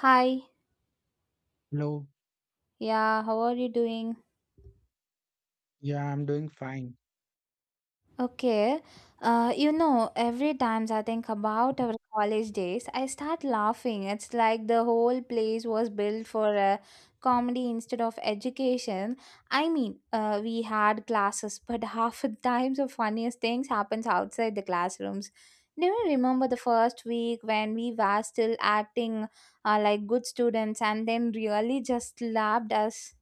Hi, Hello. yeah, how are you doing? Yeah, I'm doing fine. Okay, every times I think about our college days, I start laughing. It's like the whole place was built for comedy instead of education. We had classes, but half the times the funniest things happens outside the classrooms. Do you remember the first week when we were still acting like good students and then really just slapped us?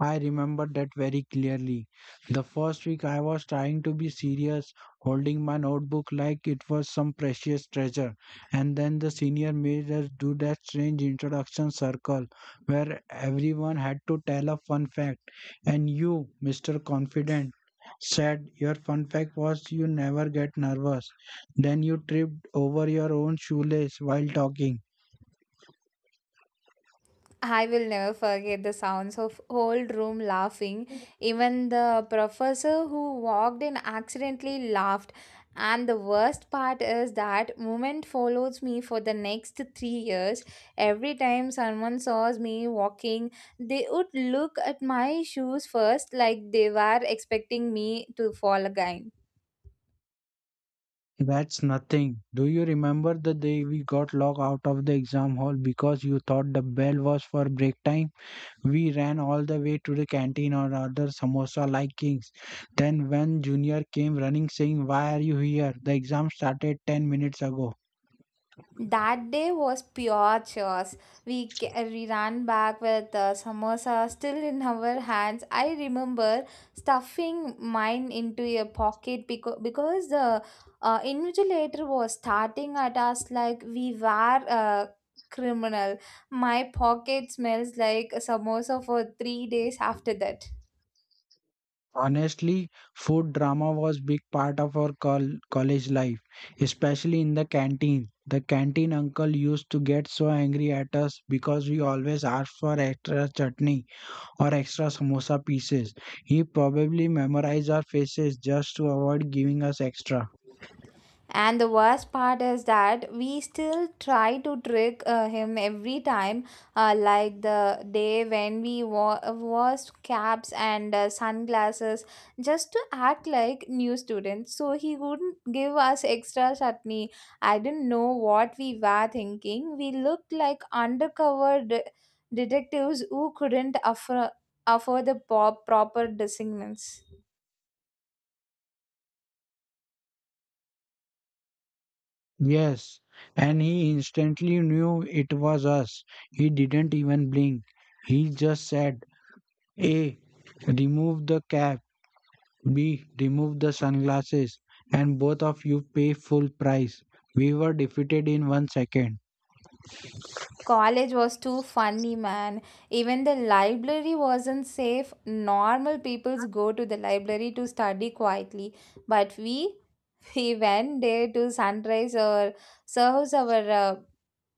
I remember that very clearly. The first week I was trying to be serious, holding my notebook like it was some precious treasure. And then the senior made us do that strange introduction circle where everyone had to tell a fun fact. And you, Mr. Confident, said your fun fact was you never get nervous. Then you tripped over your own shoelace while talking. I will never forget the sounds of whole room laughing. Even the professor who walked in accidentally laughed. And the worst part is that moment follows me for the next 3 years. Every time someone saws me walking, they would look at my shoes first, like they were expecting me to fall again. That's nothing. Do you remember the day we got locked out of the exam hall because you thought the bell was for break time? We ran all the way to the canteen or ordered samosa like kings. Then when junior came running saying, "Why are you here? The exam started 10 minutes ago." That day was pure chores. We ran back with samosa still in our hands. I remember stuffing mine into a pocket because the invigilator was starting at us like we were uh, criminal. My pocket smells like samosa for 3 days after that. Honestly, food drama was big part of our college life, especially in the canteen. The canteen uncle used to get so angry at us because we always asked for extra chutney or extra samosa pieces. He probably memorized our faces just to avoid giving us extra. And the worst part is that we still try to trick him every time, like the day when was caps and sunglasses just to act like new students, so he wouldn't give us extra chutney. I didn't know what we were thinking. We looked like undercover detectives who couldn't afford, afford the proper disciplinings. Yes, and he instantly knew it was us. He didn't even blink. He just said, A, remove the cap. B, remove the sunglasses. And both of you pay full price. We were defeated in 1 second. College was too funny, man. Even the library wasn't safe. Normal peoples go to the library to study quietly, but we we went there to sunrise or serves our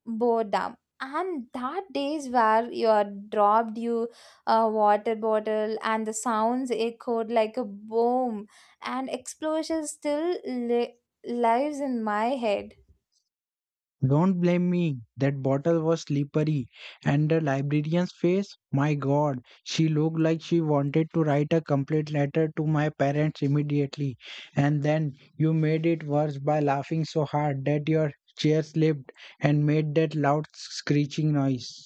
boredom. And that days where you are dropped you a water bottle and the sounds echoed like a boom and explosions still lives in my head. Don't blame me. That bottle was slippery. And the librarian's face? My god, she looked like she wanted to write a complaint letter to my parents immediately. And then you made it worse by laughing so hard that your chair slipped and made that loud screeching noise.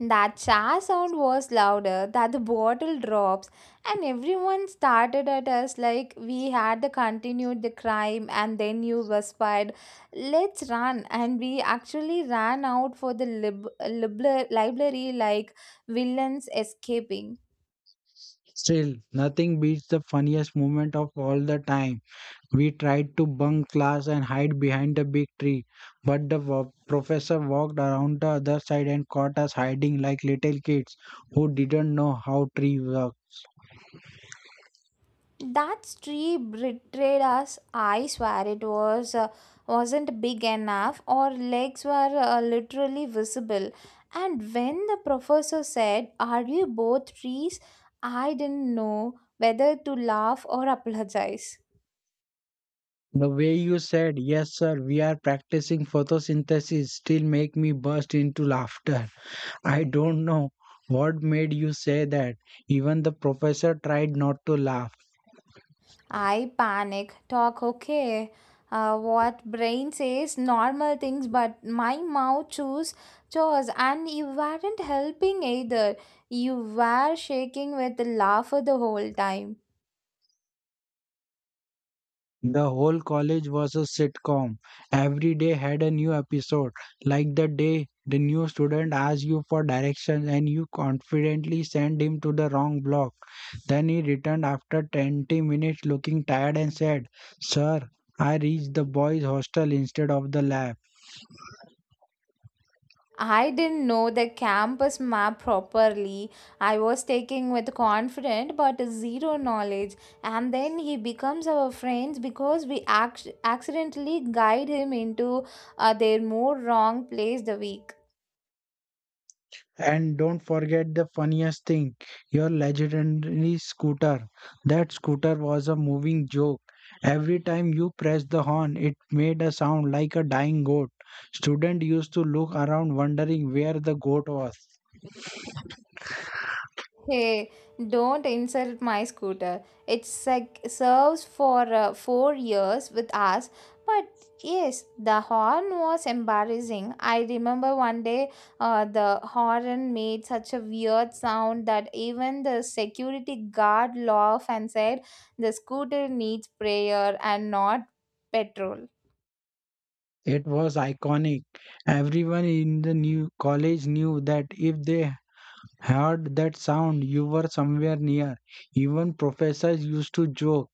That cha sound was louder, that the bottle drops, and everyone started at us like we had the continued the crime, and then you whispered, "Let's run." And we actually ran out for the library like villains escaping. Still, nothing beats the funniest moment of all the time. We tried to bunk class and hide behind the big tree, but the professor walked around the other side and caught us hiding like little kids who didn't know how tree work. That tree betrayed us. I swear it was wasn't big enough. Our legs were literally visible. And when the professor said, "Are you both trees?" I didn't know whether to laugh or apologize. The way you said, "Yes, sir, we are practicing photosynthesis," still make me burst into laughter. I don't know what made you say that. Even the professor tried not to laugh. I panic, talk okay. What brain says normal things, but my mouth choose chores, and you weren't helping either. You were shaking with laughter the whole time. The whole college was a sitcom. Every day had a new episode, like the day the new student asked you for directions and you confidently sent him to the wrong block. Then he returned after 20 minutes looking tired and said, "Sir, I reached the boys' hostel instead of the lab." I didn't know the campus map properly. I was taking with confident but zero knowledge. And then he becomes our friends because we accidentally guide him into their more wrong place the week. And don't forget the funniest thing, your legendary scooter. That scooter was a moving joke. Every time you pressed the horn, it made a sound like a dying goat. Students used to look around wondering where the goat was. Hey, don't insult my scooter. It's like serves for 4 years with us, but yes, the horn was embarrassing. I remember one day the horn made such a weird sound that even the security guard laughed and said the scooter needs prayer and not petrol. It was iconic. Everyone in the new college knew that if they heard that sound, you were somewhere near. Even professors used to joke,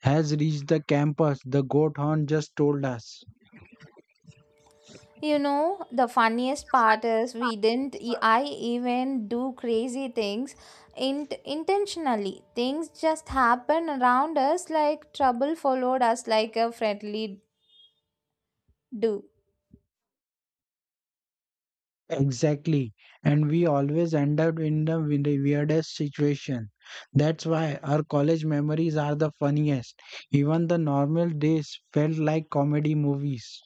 has reached the campus, the goat horn just told us. You know, the funniest part is we didn't, e- I even do crazy things intentionally. Things just happen around us like trouble followed us like a friendly do. Exactly. And we always end up in the weirdest situation. That's why our college memories are the funniest. Even the normal days felt like comedy movies.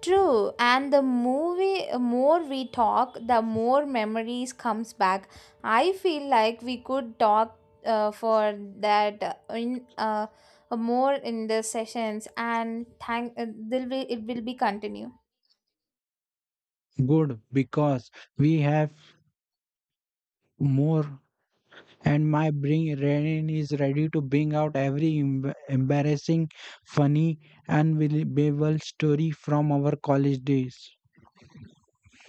True, and the movie, more we talk, the more memories comes back. I feel like we could talk for that in more in the sessions and thank there will it will be continue. Good, because we have more and my brain is ready to bring out every embarrassing, funny, unbelievable story from our college days.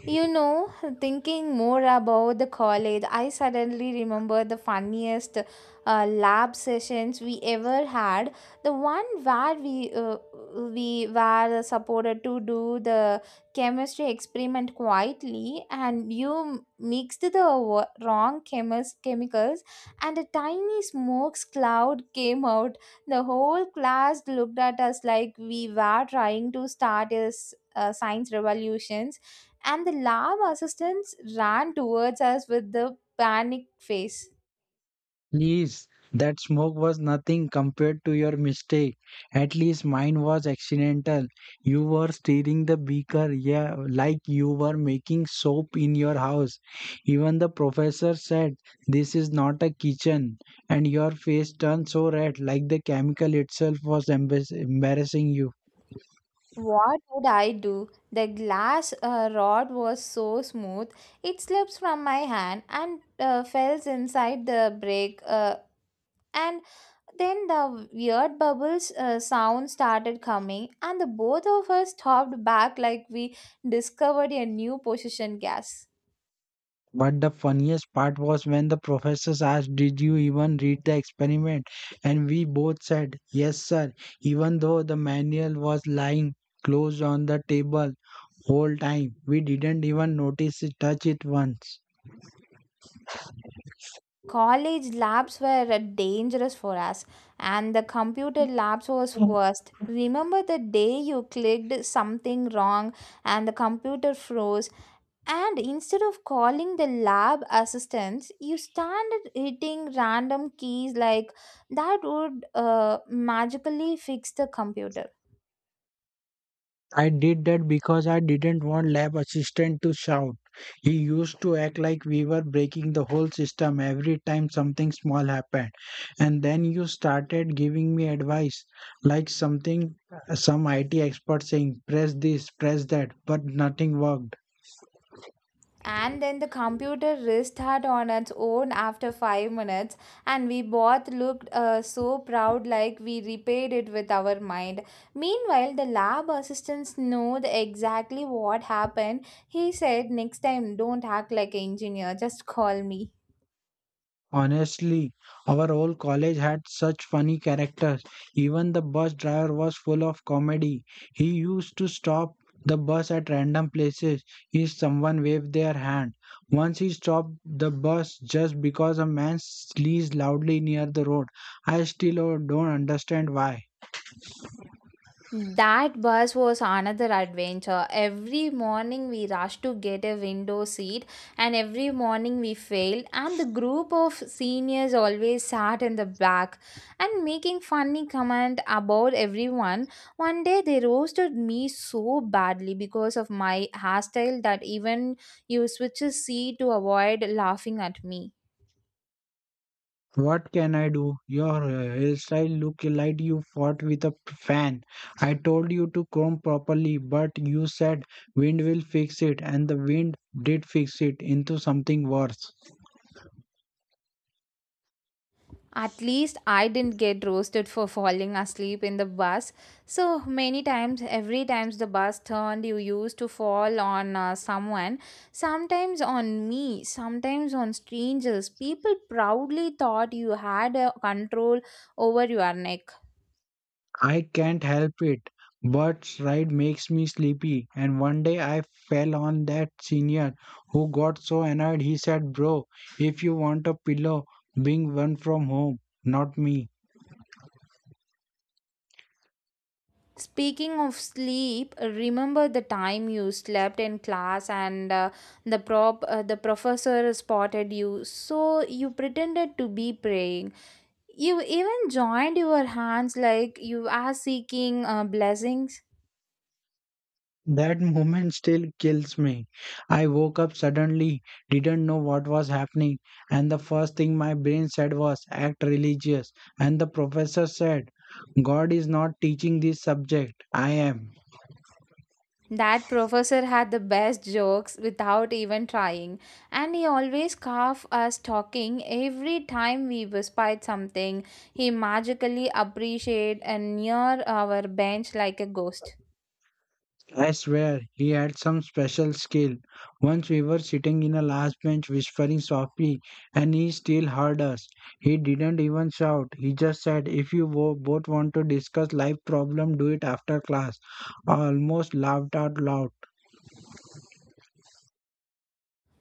You know, thinking more about the college, I suddenly remember the funniest lab sessions we ever had. The one where we were supported to do the chemistry experiment quietly, and you mixed the wrong chemicals, and a tiny smoke cloud came out. The whole class looked at us like we were trying to start a science revolution, and the lab assistants ran towards us with the panicked face. Please, that smoke was nothing compared to your mistake. At least mine was accidental. You were stirring the beaker, yeah, like you were making soap in your house. Even the professor said, "This is not a kitchen." And your face turned so red, like the chemical itself was embarrassing you. What would I do? The glass rod was so smooth, it slipped from my hand and fell inside the break. And then the weird bubbles sound started coming, and the both of us stopped back like we discovered a new position gas. But the funniest part was when the professors asked, "Did you even read the experiment?" And we both said, "Yes, sir," even though the manual was lying closed on the table whole time. We didn't even notice it, touch it once. College labs were dangerous for us, and the computer labs was worst. Remember the day you clicked something wrong and the computer froze, and instead of calling the lab assistants, you started hitting random keys like that would magically fix the computer. I did that because I didn't want lab assistant to shout. He used to act like we were breaking the whole system every time something small happened. And then you started giving me advice like something some IT expert saying press this, press that, but nothing worked. And then the computer restarted on its own after 5 minutes, and we both looked so proud like we repaired it with our mind. Meanwhile, the lab assistant knew exactly what happened. He said, "Next time, don't act like an engineer, just call me." Honestly, our whole college had such funny characters. Even the bus driver was full of comedy. He used to stop the bus at random places if someone waved their hand. Once he stopped the bus just because a man sneezed loudly near the road. I still don't understand why. That bus was another adventure. Every morning we rushed to get a window seat, and every morning we failed. And the group of seniors always sat in the back and making funny comment about everyone. One day they roasted me so badly because of my hairstyle that even you switch a seat to avoid laughing at me. What can I do? Your hairstyle look like you fought with a fan. I told you to comb properly, but you said wind will fix it, and the wind did fix it into something worse. At least I didn't get roasted for falling asleep in the bus. So many times, every times the bus turned, you used to fall on someone, sometimes on me, sometimes on strangers. People proudly thought you had a control over your neck. I can't help it, but ride makes me sleepy. And one day I fell on that senior who got so annoyed he said, "Bro, if you want a pillow, bring one from home, not me." Speaking of sleep, remember the time you slept in class and the professor spotted you. So you pretended to be praying. You even joined your hands like you are seeking blessings. That moment still kills me. I woke up suddenly, didn't know what was happening, and the first thing my brain said was, "Act religious." And the professor said, "God is not teaching this subject. I am." That professor had the best jokes without even trying, and he always carved us talking every time we whispered something. He magically appreciated and near our bench like a ghost. I swear, he had some special skill. Once we were sitting in a last bench whispering softly, and he still heard us. He didn't even shout. He just said, "If you both want to discuss life problem, do it after class." I almost laughed out loud.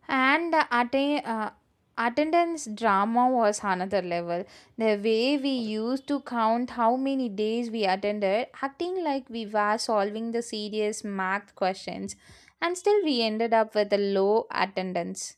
And the attendance drama was another level. The way we used to count how many days we attended acting like we were solving the serious math questions, and still we ended up with a low attendance.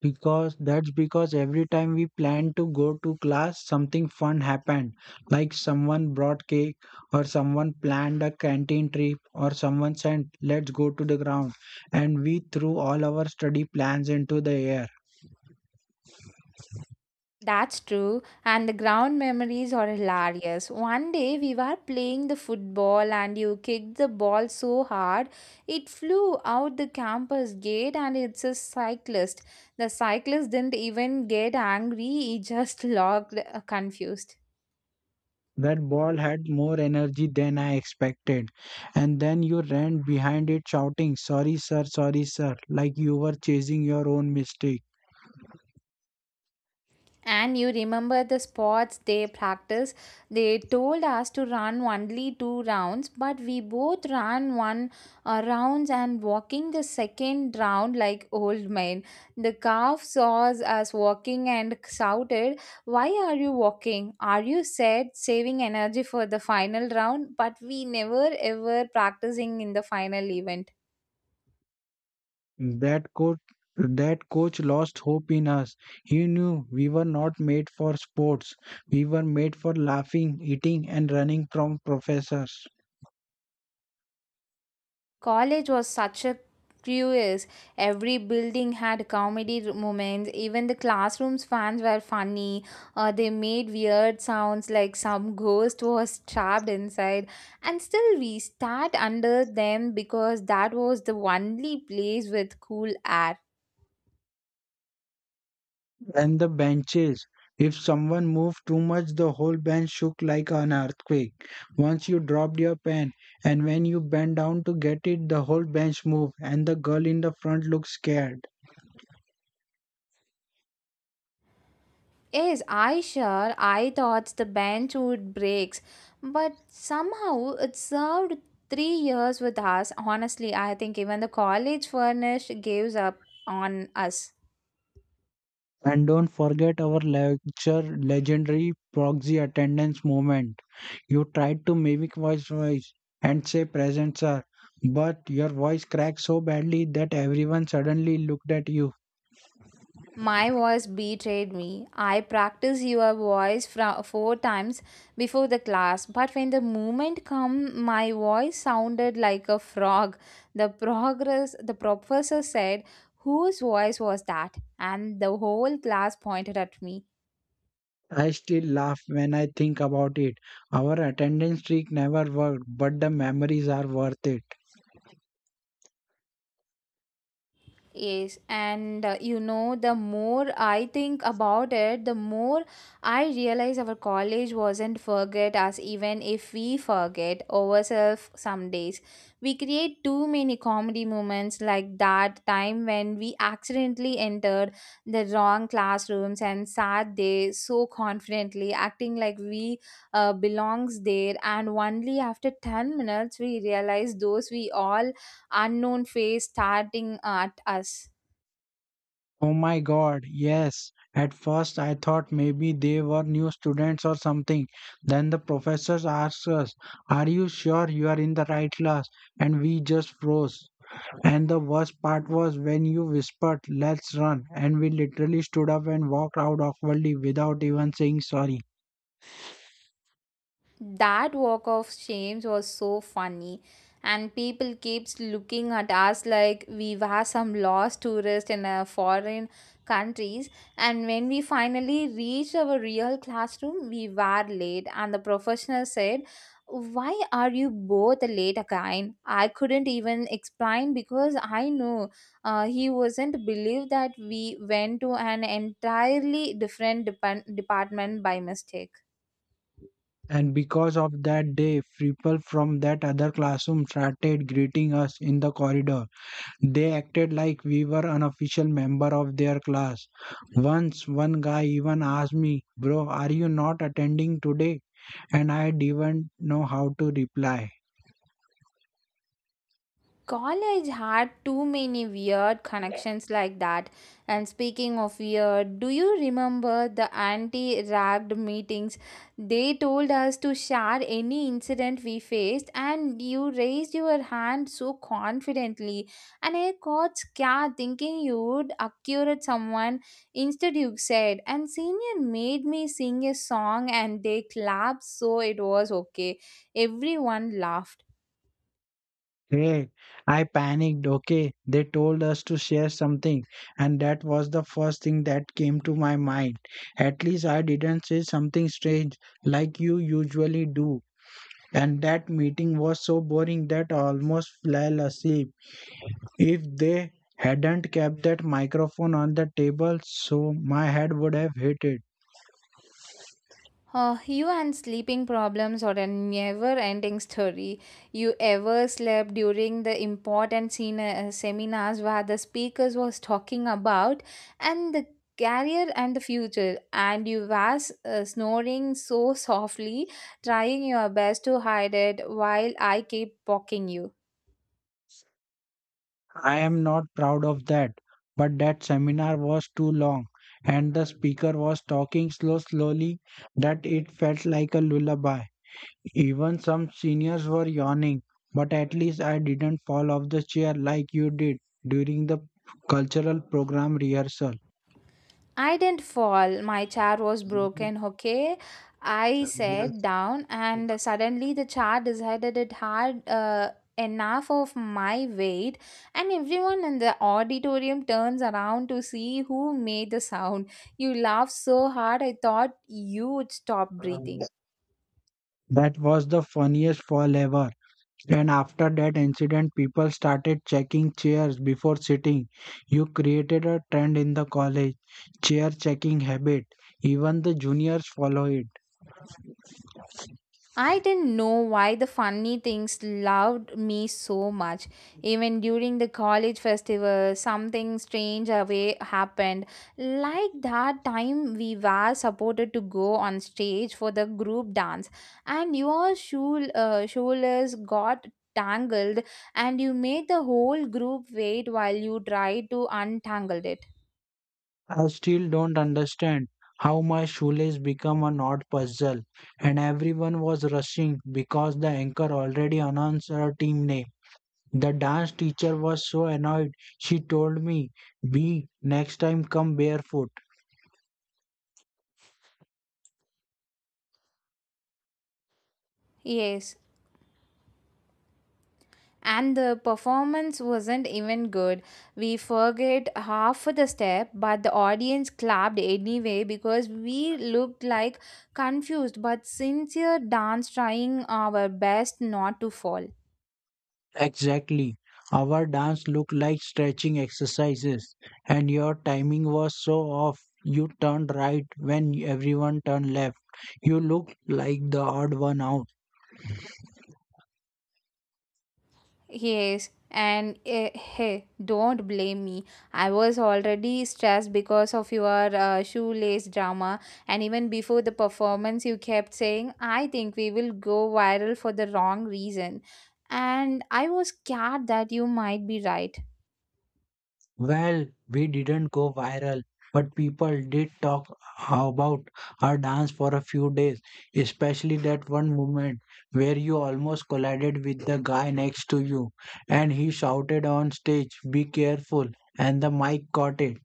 Because that's because every time we planned to go to class, something fun happened. Like someone brought cake, or someone planned a canteen trip, or someone said, let's go to the ground. And we threw all our study plans into the air. That's true, and the ground memories are hilarious. One day we were playing the football, and you kicked the ball so hard it flew out the campus gate, and it's a cyclist. The cyclist didn't even get angry, he just looked confused. That ball had more energy than I expected. And then you ran behind it shouting, "Sorry, sir, sorry, sir," like you were chasing your own mistake. And you remember the sports they practice? They told us to run only two rounds, but we both ran one rounds and walking the second round like old men. The calf saw us walking and shouted, "Why are you walking? Are you said saving energy for the final round?" But we never ever practicing in the final event. That coach, that coach lost hope in us. He knew we were not made for sports. We were made for laughing, eating, and running from professors College was such a cruise. Every building had comedy moments. Even the classroom's fans were funny. They made weird sounds like some ghost was trapped inside. And still, we sat under them because that was the only place with cool air. and the benches. If someone moved too much, the whole bench shook like an earthquake. Once you dropped your pen, and when you bent down to get it, the whole bench moved, and the girl in the front looked scared. Yes, I sure. I thought the bench would breaks, but somehow it served 3 years with us. Honestly, I think even the college furnished gives up on us. And don't forget our lecture legendary proxy attendance moment. You tried to mimic my voice and say "present sir," but your voice cracked so badly that everyone suddenly looked at you. My voice betrayed me. I practiced your voice four times before the class, but when the moment come, my voice sounded like a frog. The progress, the professor said, "Whose voice was that?" and the whole class pointed at me. I still laugh when I think about it. Our attendance trick never worked, but the memories are worth it. Yes, and you know, the more I think about it, the more I realize our college wasn't forget us, even if we forget ourselves some days. We create too many comedy moments like that time when we accidentally entered the wrong classrooms and sat there so confidently, acting like we belongs there. And only after 10 minutes, we realized those we all unknown face starting at us. Oh my god, yes. At first I thought maybe they were new students or something. Then the professors asked us, "Are you sure you are in the right class?" And we just froze. And the worst part was when you whispered, "Let's run," and we literally stood up and walked out awkwardly without even saying sorry. That walk of shame was so funny, and people keeps looking at us like we were some lost tourist in a foreign countries. And when we finally reached our real classroom, we were late, and the professional said, "Why are you both late again?" I couldn't even explain because I knew he wasn't believe that we went to an entirely different department by mistake. And because of that day, people from that other classroom started greeting us in the corridor. They acted like we were an official member of their class. Once, one guy even asked me, "Bro, are you not attending today?" And I didn't know how to reply. College had too many weird connections like that. And speaking of weird, do you remember the anti ragged meetings? They told us to share any incident we faced, and you raised your hand so confidently. And I got scared thinking you would accurate someone. Instead, you said, and senior made me sing a song, and they clapped, so it was okay. Everyone laughed. Hey, I panicked. Okay, they told us to share something, and that was the first thing that came to my mind. At least I didn't say something strange like you usually do. And that meeting was so boring that I almost fell asleep. If they hadn't kept that microphone on the table, so my head would have hit it. You and sleeping problems are a never-ending story. You ever slept during the important seminars where the speakers was talking about and the career and the future, and you was snoring so softly, trying your best to hide it while I keep poking you. I am not proud of that, but that seminar was too long and the speaker was talking so slowly that it felt like a lullaby. Even some seniors were yawning, but at least I didn't fall off the chair like you did during the cultural program rehearsal. I didn't fall. My chair was broken, okay? I sat down and suddenly the chair decided it had enough of my weight, and everyone in the auditorium turns around to see who made the sound. You laughed so hard, I thought you would stop breathing. That was the funniest fall ever. And after that incident, people started checking chairs before sitting. You created a trend in the college chair checking habit. Even the juniors follow it. I didn't know why the funny things loved me so much. Even during the college festival, something strange away happened. Like that time we were supported to go on stage for the group dance, and your shoe, shoulders got tangled, and you made the whole group wait while you tried to untangle it. I still don't understand how my shoelace became an odd puzzle, and everyone was rushing because the anchor already announced her team name. The dance teacher was so annoyed, she told me, "B, next time come barefoot." Yes, and the performance wasn't even good. We forget half of the step, but the audience clapped anyway because we looked like confused but sincere dance trying our best not to fall. Exactly. Our dance looked like stretching exercises, and your timing was so off. You turned right when everyone turned left. You looked like the odd one out. Yes, and hey, don't blame me. I was already stressed because of your shoelace drama, and even before the performance, you kept saying, I think we will go viral for the wrong reason. And I was scared that you might be right. Well, we didn't go viral, but people did talk about our dance for a few days, especially that one moment where you almost collided with the guy next to you and he shouted on stage, "Be careful!" And the mic caught it.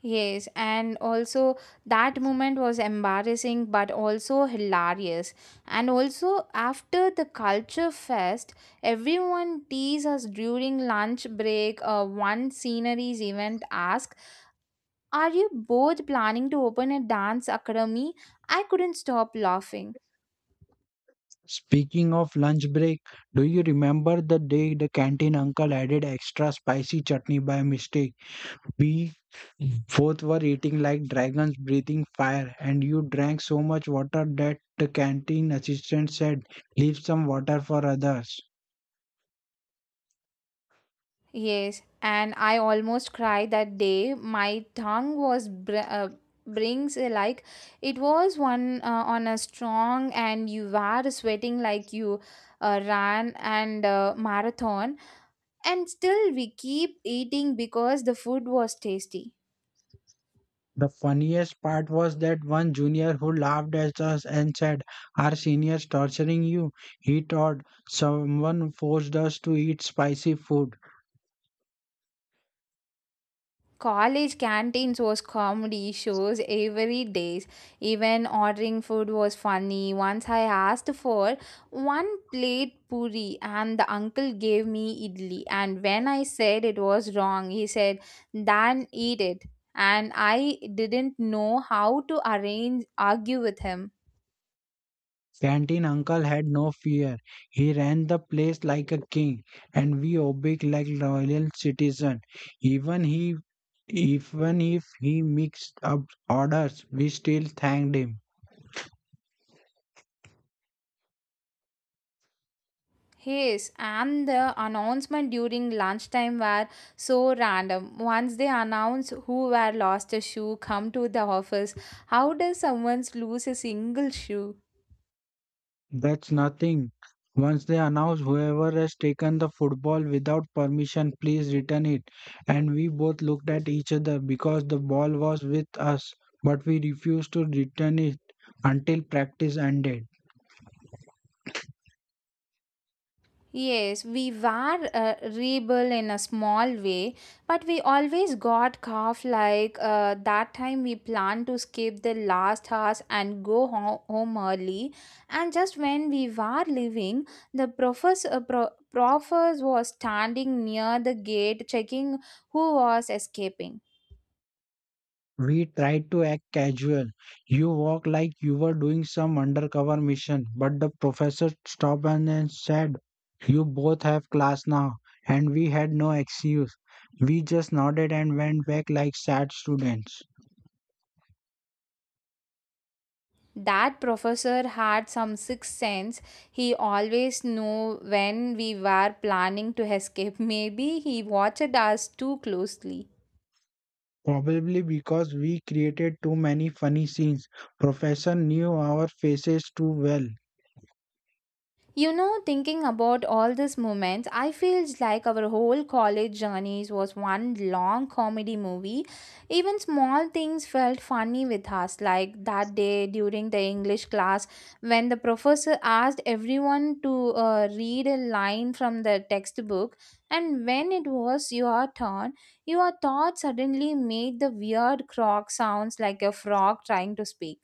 Yes, and also that moment was embarrassing but also hilarious. And also, after the culture fest, everyone teased us during lunch break. One sceneries event asked, are you both planning to open a dance academy? I couldn't stop laughing. Speaking of lunch break, do you remember the day the canteen uncle added extra spicy chutney by mistake? We both were eating like dragons breathing fire, and you drank so much water that the canteen assistant said, "Leave some water for others." Yes, and I almost cried that day. My tongue was brings like it was one on a strong, and you were sweating like you ran and marathon, and still we keep eating because the food was tasty. The funniest part was that one junior who laughed at us and said, "Our senior's torturing you." He thought someone forced us to eat spicy food. College canteens was comedy shows every days. Even ordering food was funny. Once I asked for one plate puri and the uncle gave me idli and when I said it was wrong, he said, "Then eat it." And I didn't know how to arrange argue with him. Canteen uncle had no fear. He ran the place like a king, and we obeyed like loyal citizens. Even he Even if he mixed up orders, we still thanked him. Yes, and the announcement during lunchtime were so random. Once they announced who were lost a shoe, come to the office. How does someone lose a single shoe? That's nothing. Once they announced whoever has taken the football without permission, please return it. And we both looked at each other because the ball was with us, but we refused to return it until practice ended. Yes, we were a rebel in a small way, but we always got calf like that time we planned to skip the last house and go home early. And just when we were leaving, the professor, professor was standing near the gate checking who was escaping. We tried to act casual. You walk like you were doing some undercover mission, but the professor stopped and then said, "You both have class now." And we had no excuse. We just nodded and went back like sad students. That professor had some sixth sense. He always knew when we were planning to escape. Maybe he watched us too closely. Probably because we created too many funny scenes. Professor knew our faces too well. You know, thinking about all these moments, I feel like our whole college journeys was one long comedy movie. Even small things felt funny with us, like that day during the English class when the professor asked everyone to read a line from the textbook, and when it was your turn, your thought suddenly made the weird croak sounds like a frog trying to speak.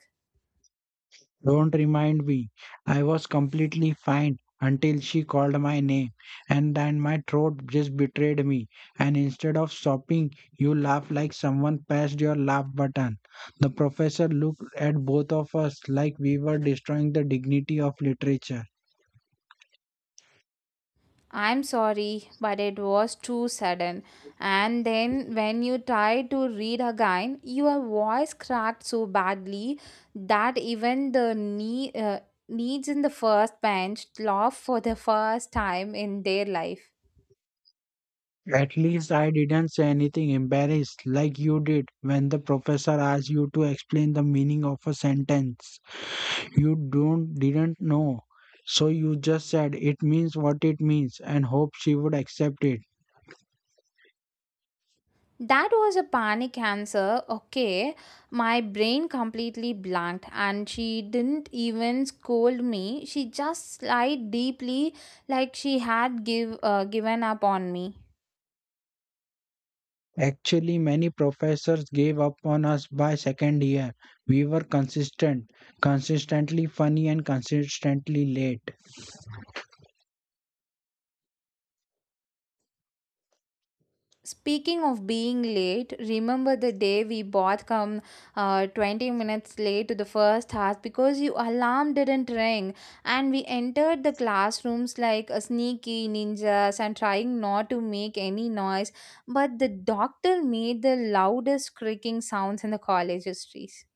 Don't remind me. I was completely fine until she called my name, and then my throat just betrayed me. And instead of stopping, you laughed like someone pressed your laugh button. The professor looked at both of us like we were destroying the dignity of literature. I'm sorry, but it was too sudden. And then, when you tried to read again, your voice cracked so badly that even the needs in the first bench laughed for the first time in their life. At least I didn't say anything embarrassed like you did when the professor asked you to explain the meaning of a sentence. You don't didn't know. So you just said it means what it means and hope she would accept it. That was a panic answer. Okay, my brain completely blanked, and she didn't even scold me. She just sighed deeply, like she had given up on me. Actually, many professors gave up on us by second year. We were consistent, Consistently funny and consistently late. Speaking of being late, remember the day we both come 20 minutes late to the first class because your alarm didn't ring and we entered the classrooms like a sneaky ninjas and trying not to make any noise, but the doctor made the loudest creaking sounds in the college histories.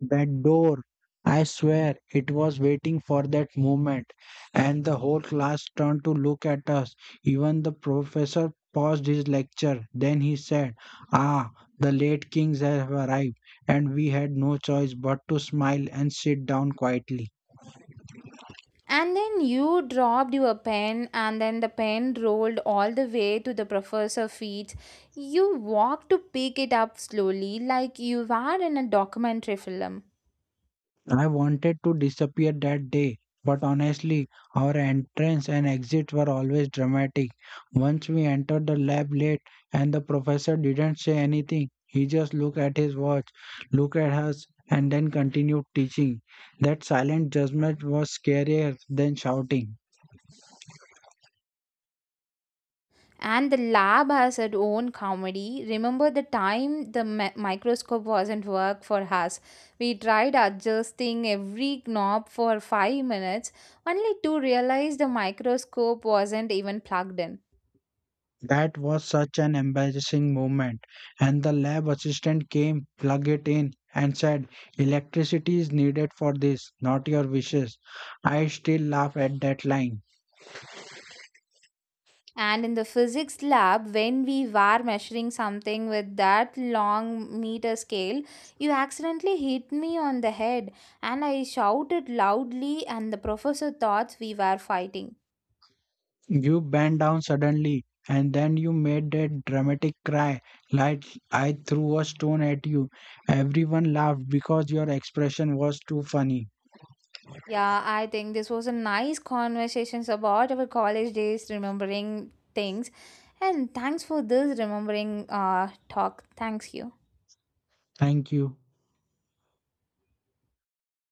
That door, I swear it was waiting for that moment, and the whole class turned to look at us. Even the professor paused his lecture. Then he said, "Ah, the late kings have arrived," and we had no choice but to smile and sit down quietly. And then you dropped your pen, and then the pen rolled all the way to the professor's feet. You walked to pick it up slowly, like you were in a documentary film. I wanted to disappear that day, but honestly, our entrance and exit were always dramatic. Once we entered the lab late and the professor didn't say anything, he just looked at his watch, looked at us, and then continued teaching. That silent judgment was scarier than shouting. And the lab has its own comedy. Remember the time the microscope wasn't work for us? We tried adjusting every knob for 5 minutes, only to realize the microscope wasn't even plugged in. That was such an embarrassing moment. And the lab assistant came, plugged it in, and said, "Electricity is needed for this, not your wishes." I still laugh at that line. And in the physics lab, when we were measuring something with that long meter scale, you accidentally hit me on the head, and I shouted loudly, and the professor thought we were fighting. You bent down suddenly, and then you made that dramatic cry like I threw a stone at you. Everyone laughed because your expression was too funny. Yeah, I think this was a nice conversations about our college days, remembering things, and thanks for this remembering talk. Thanks you. Thank you.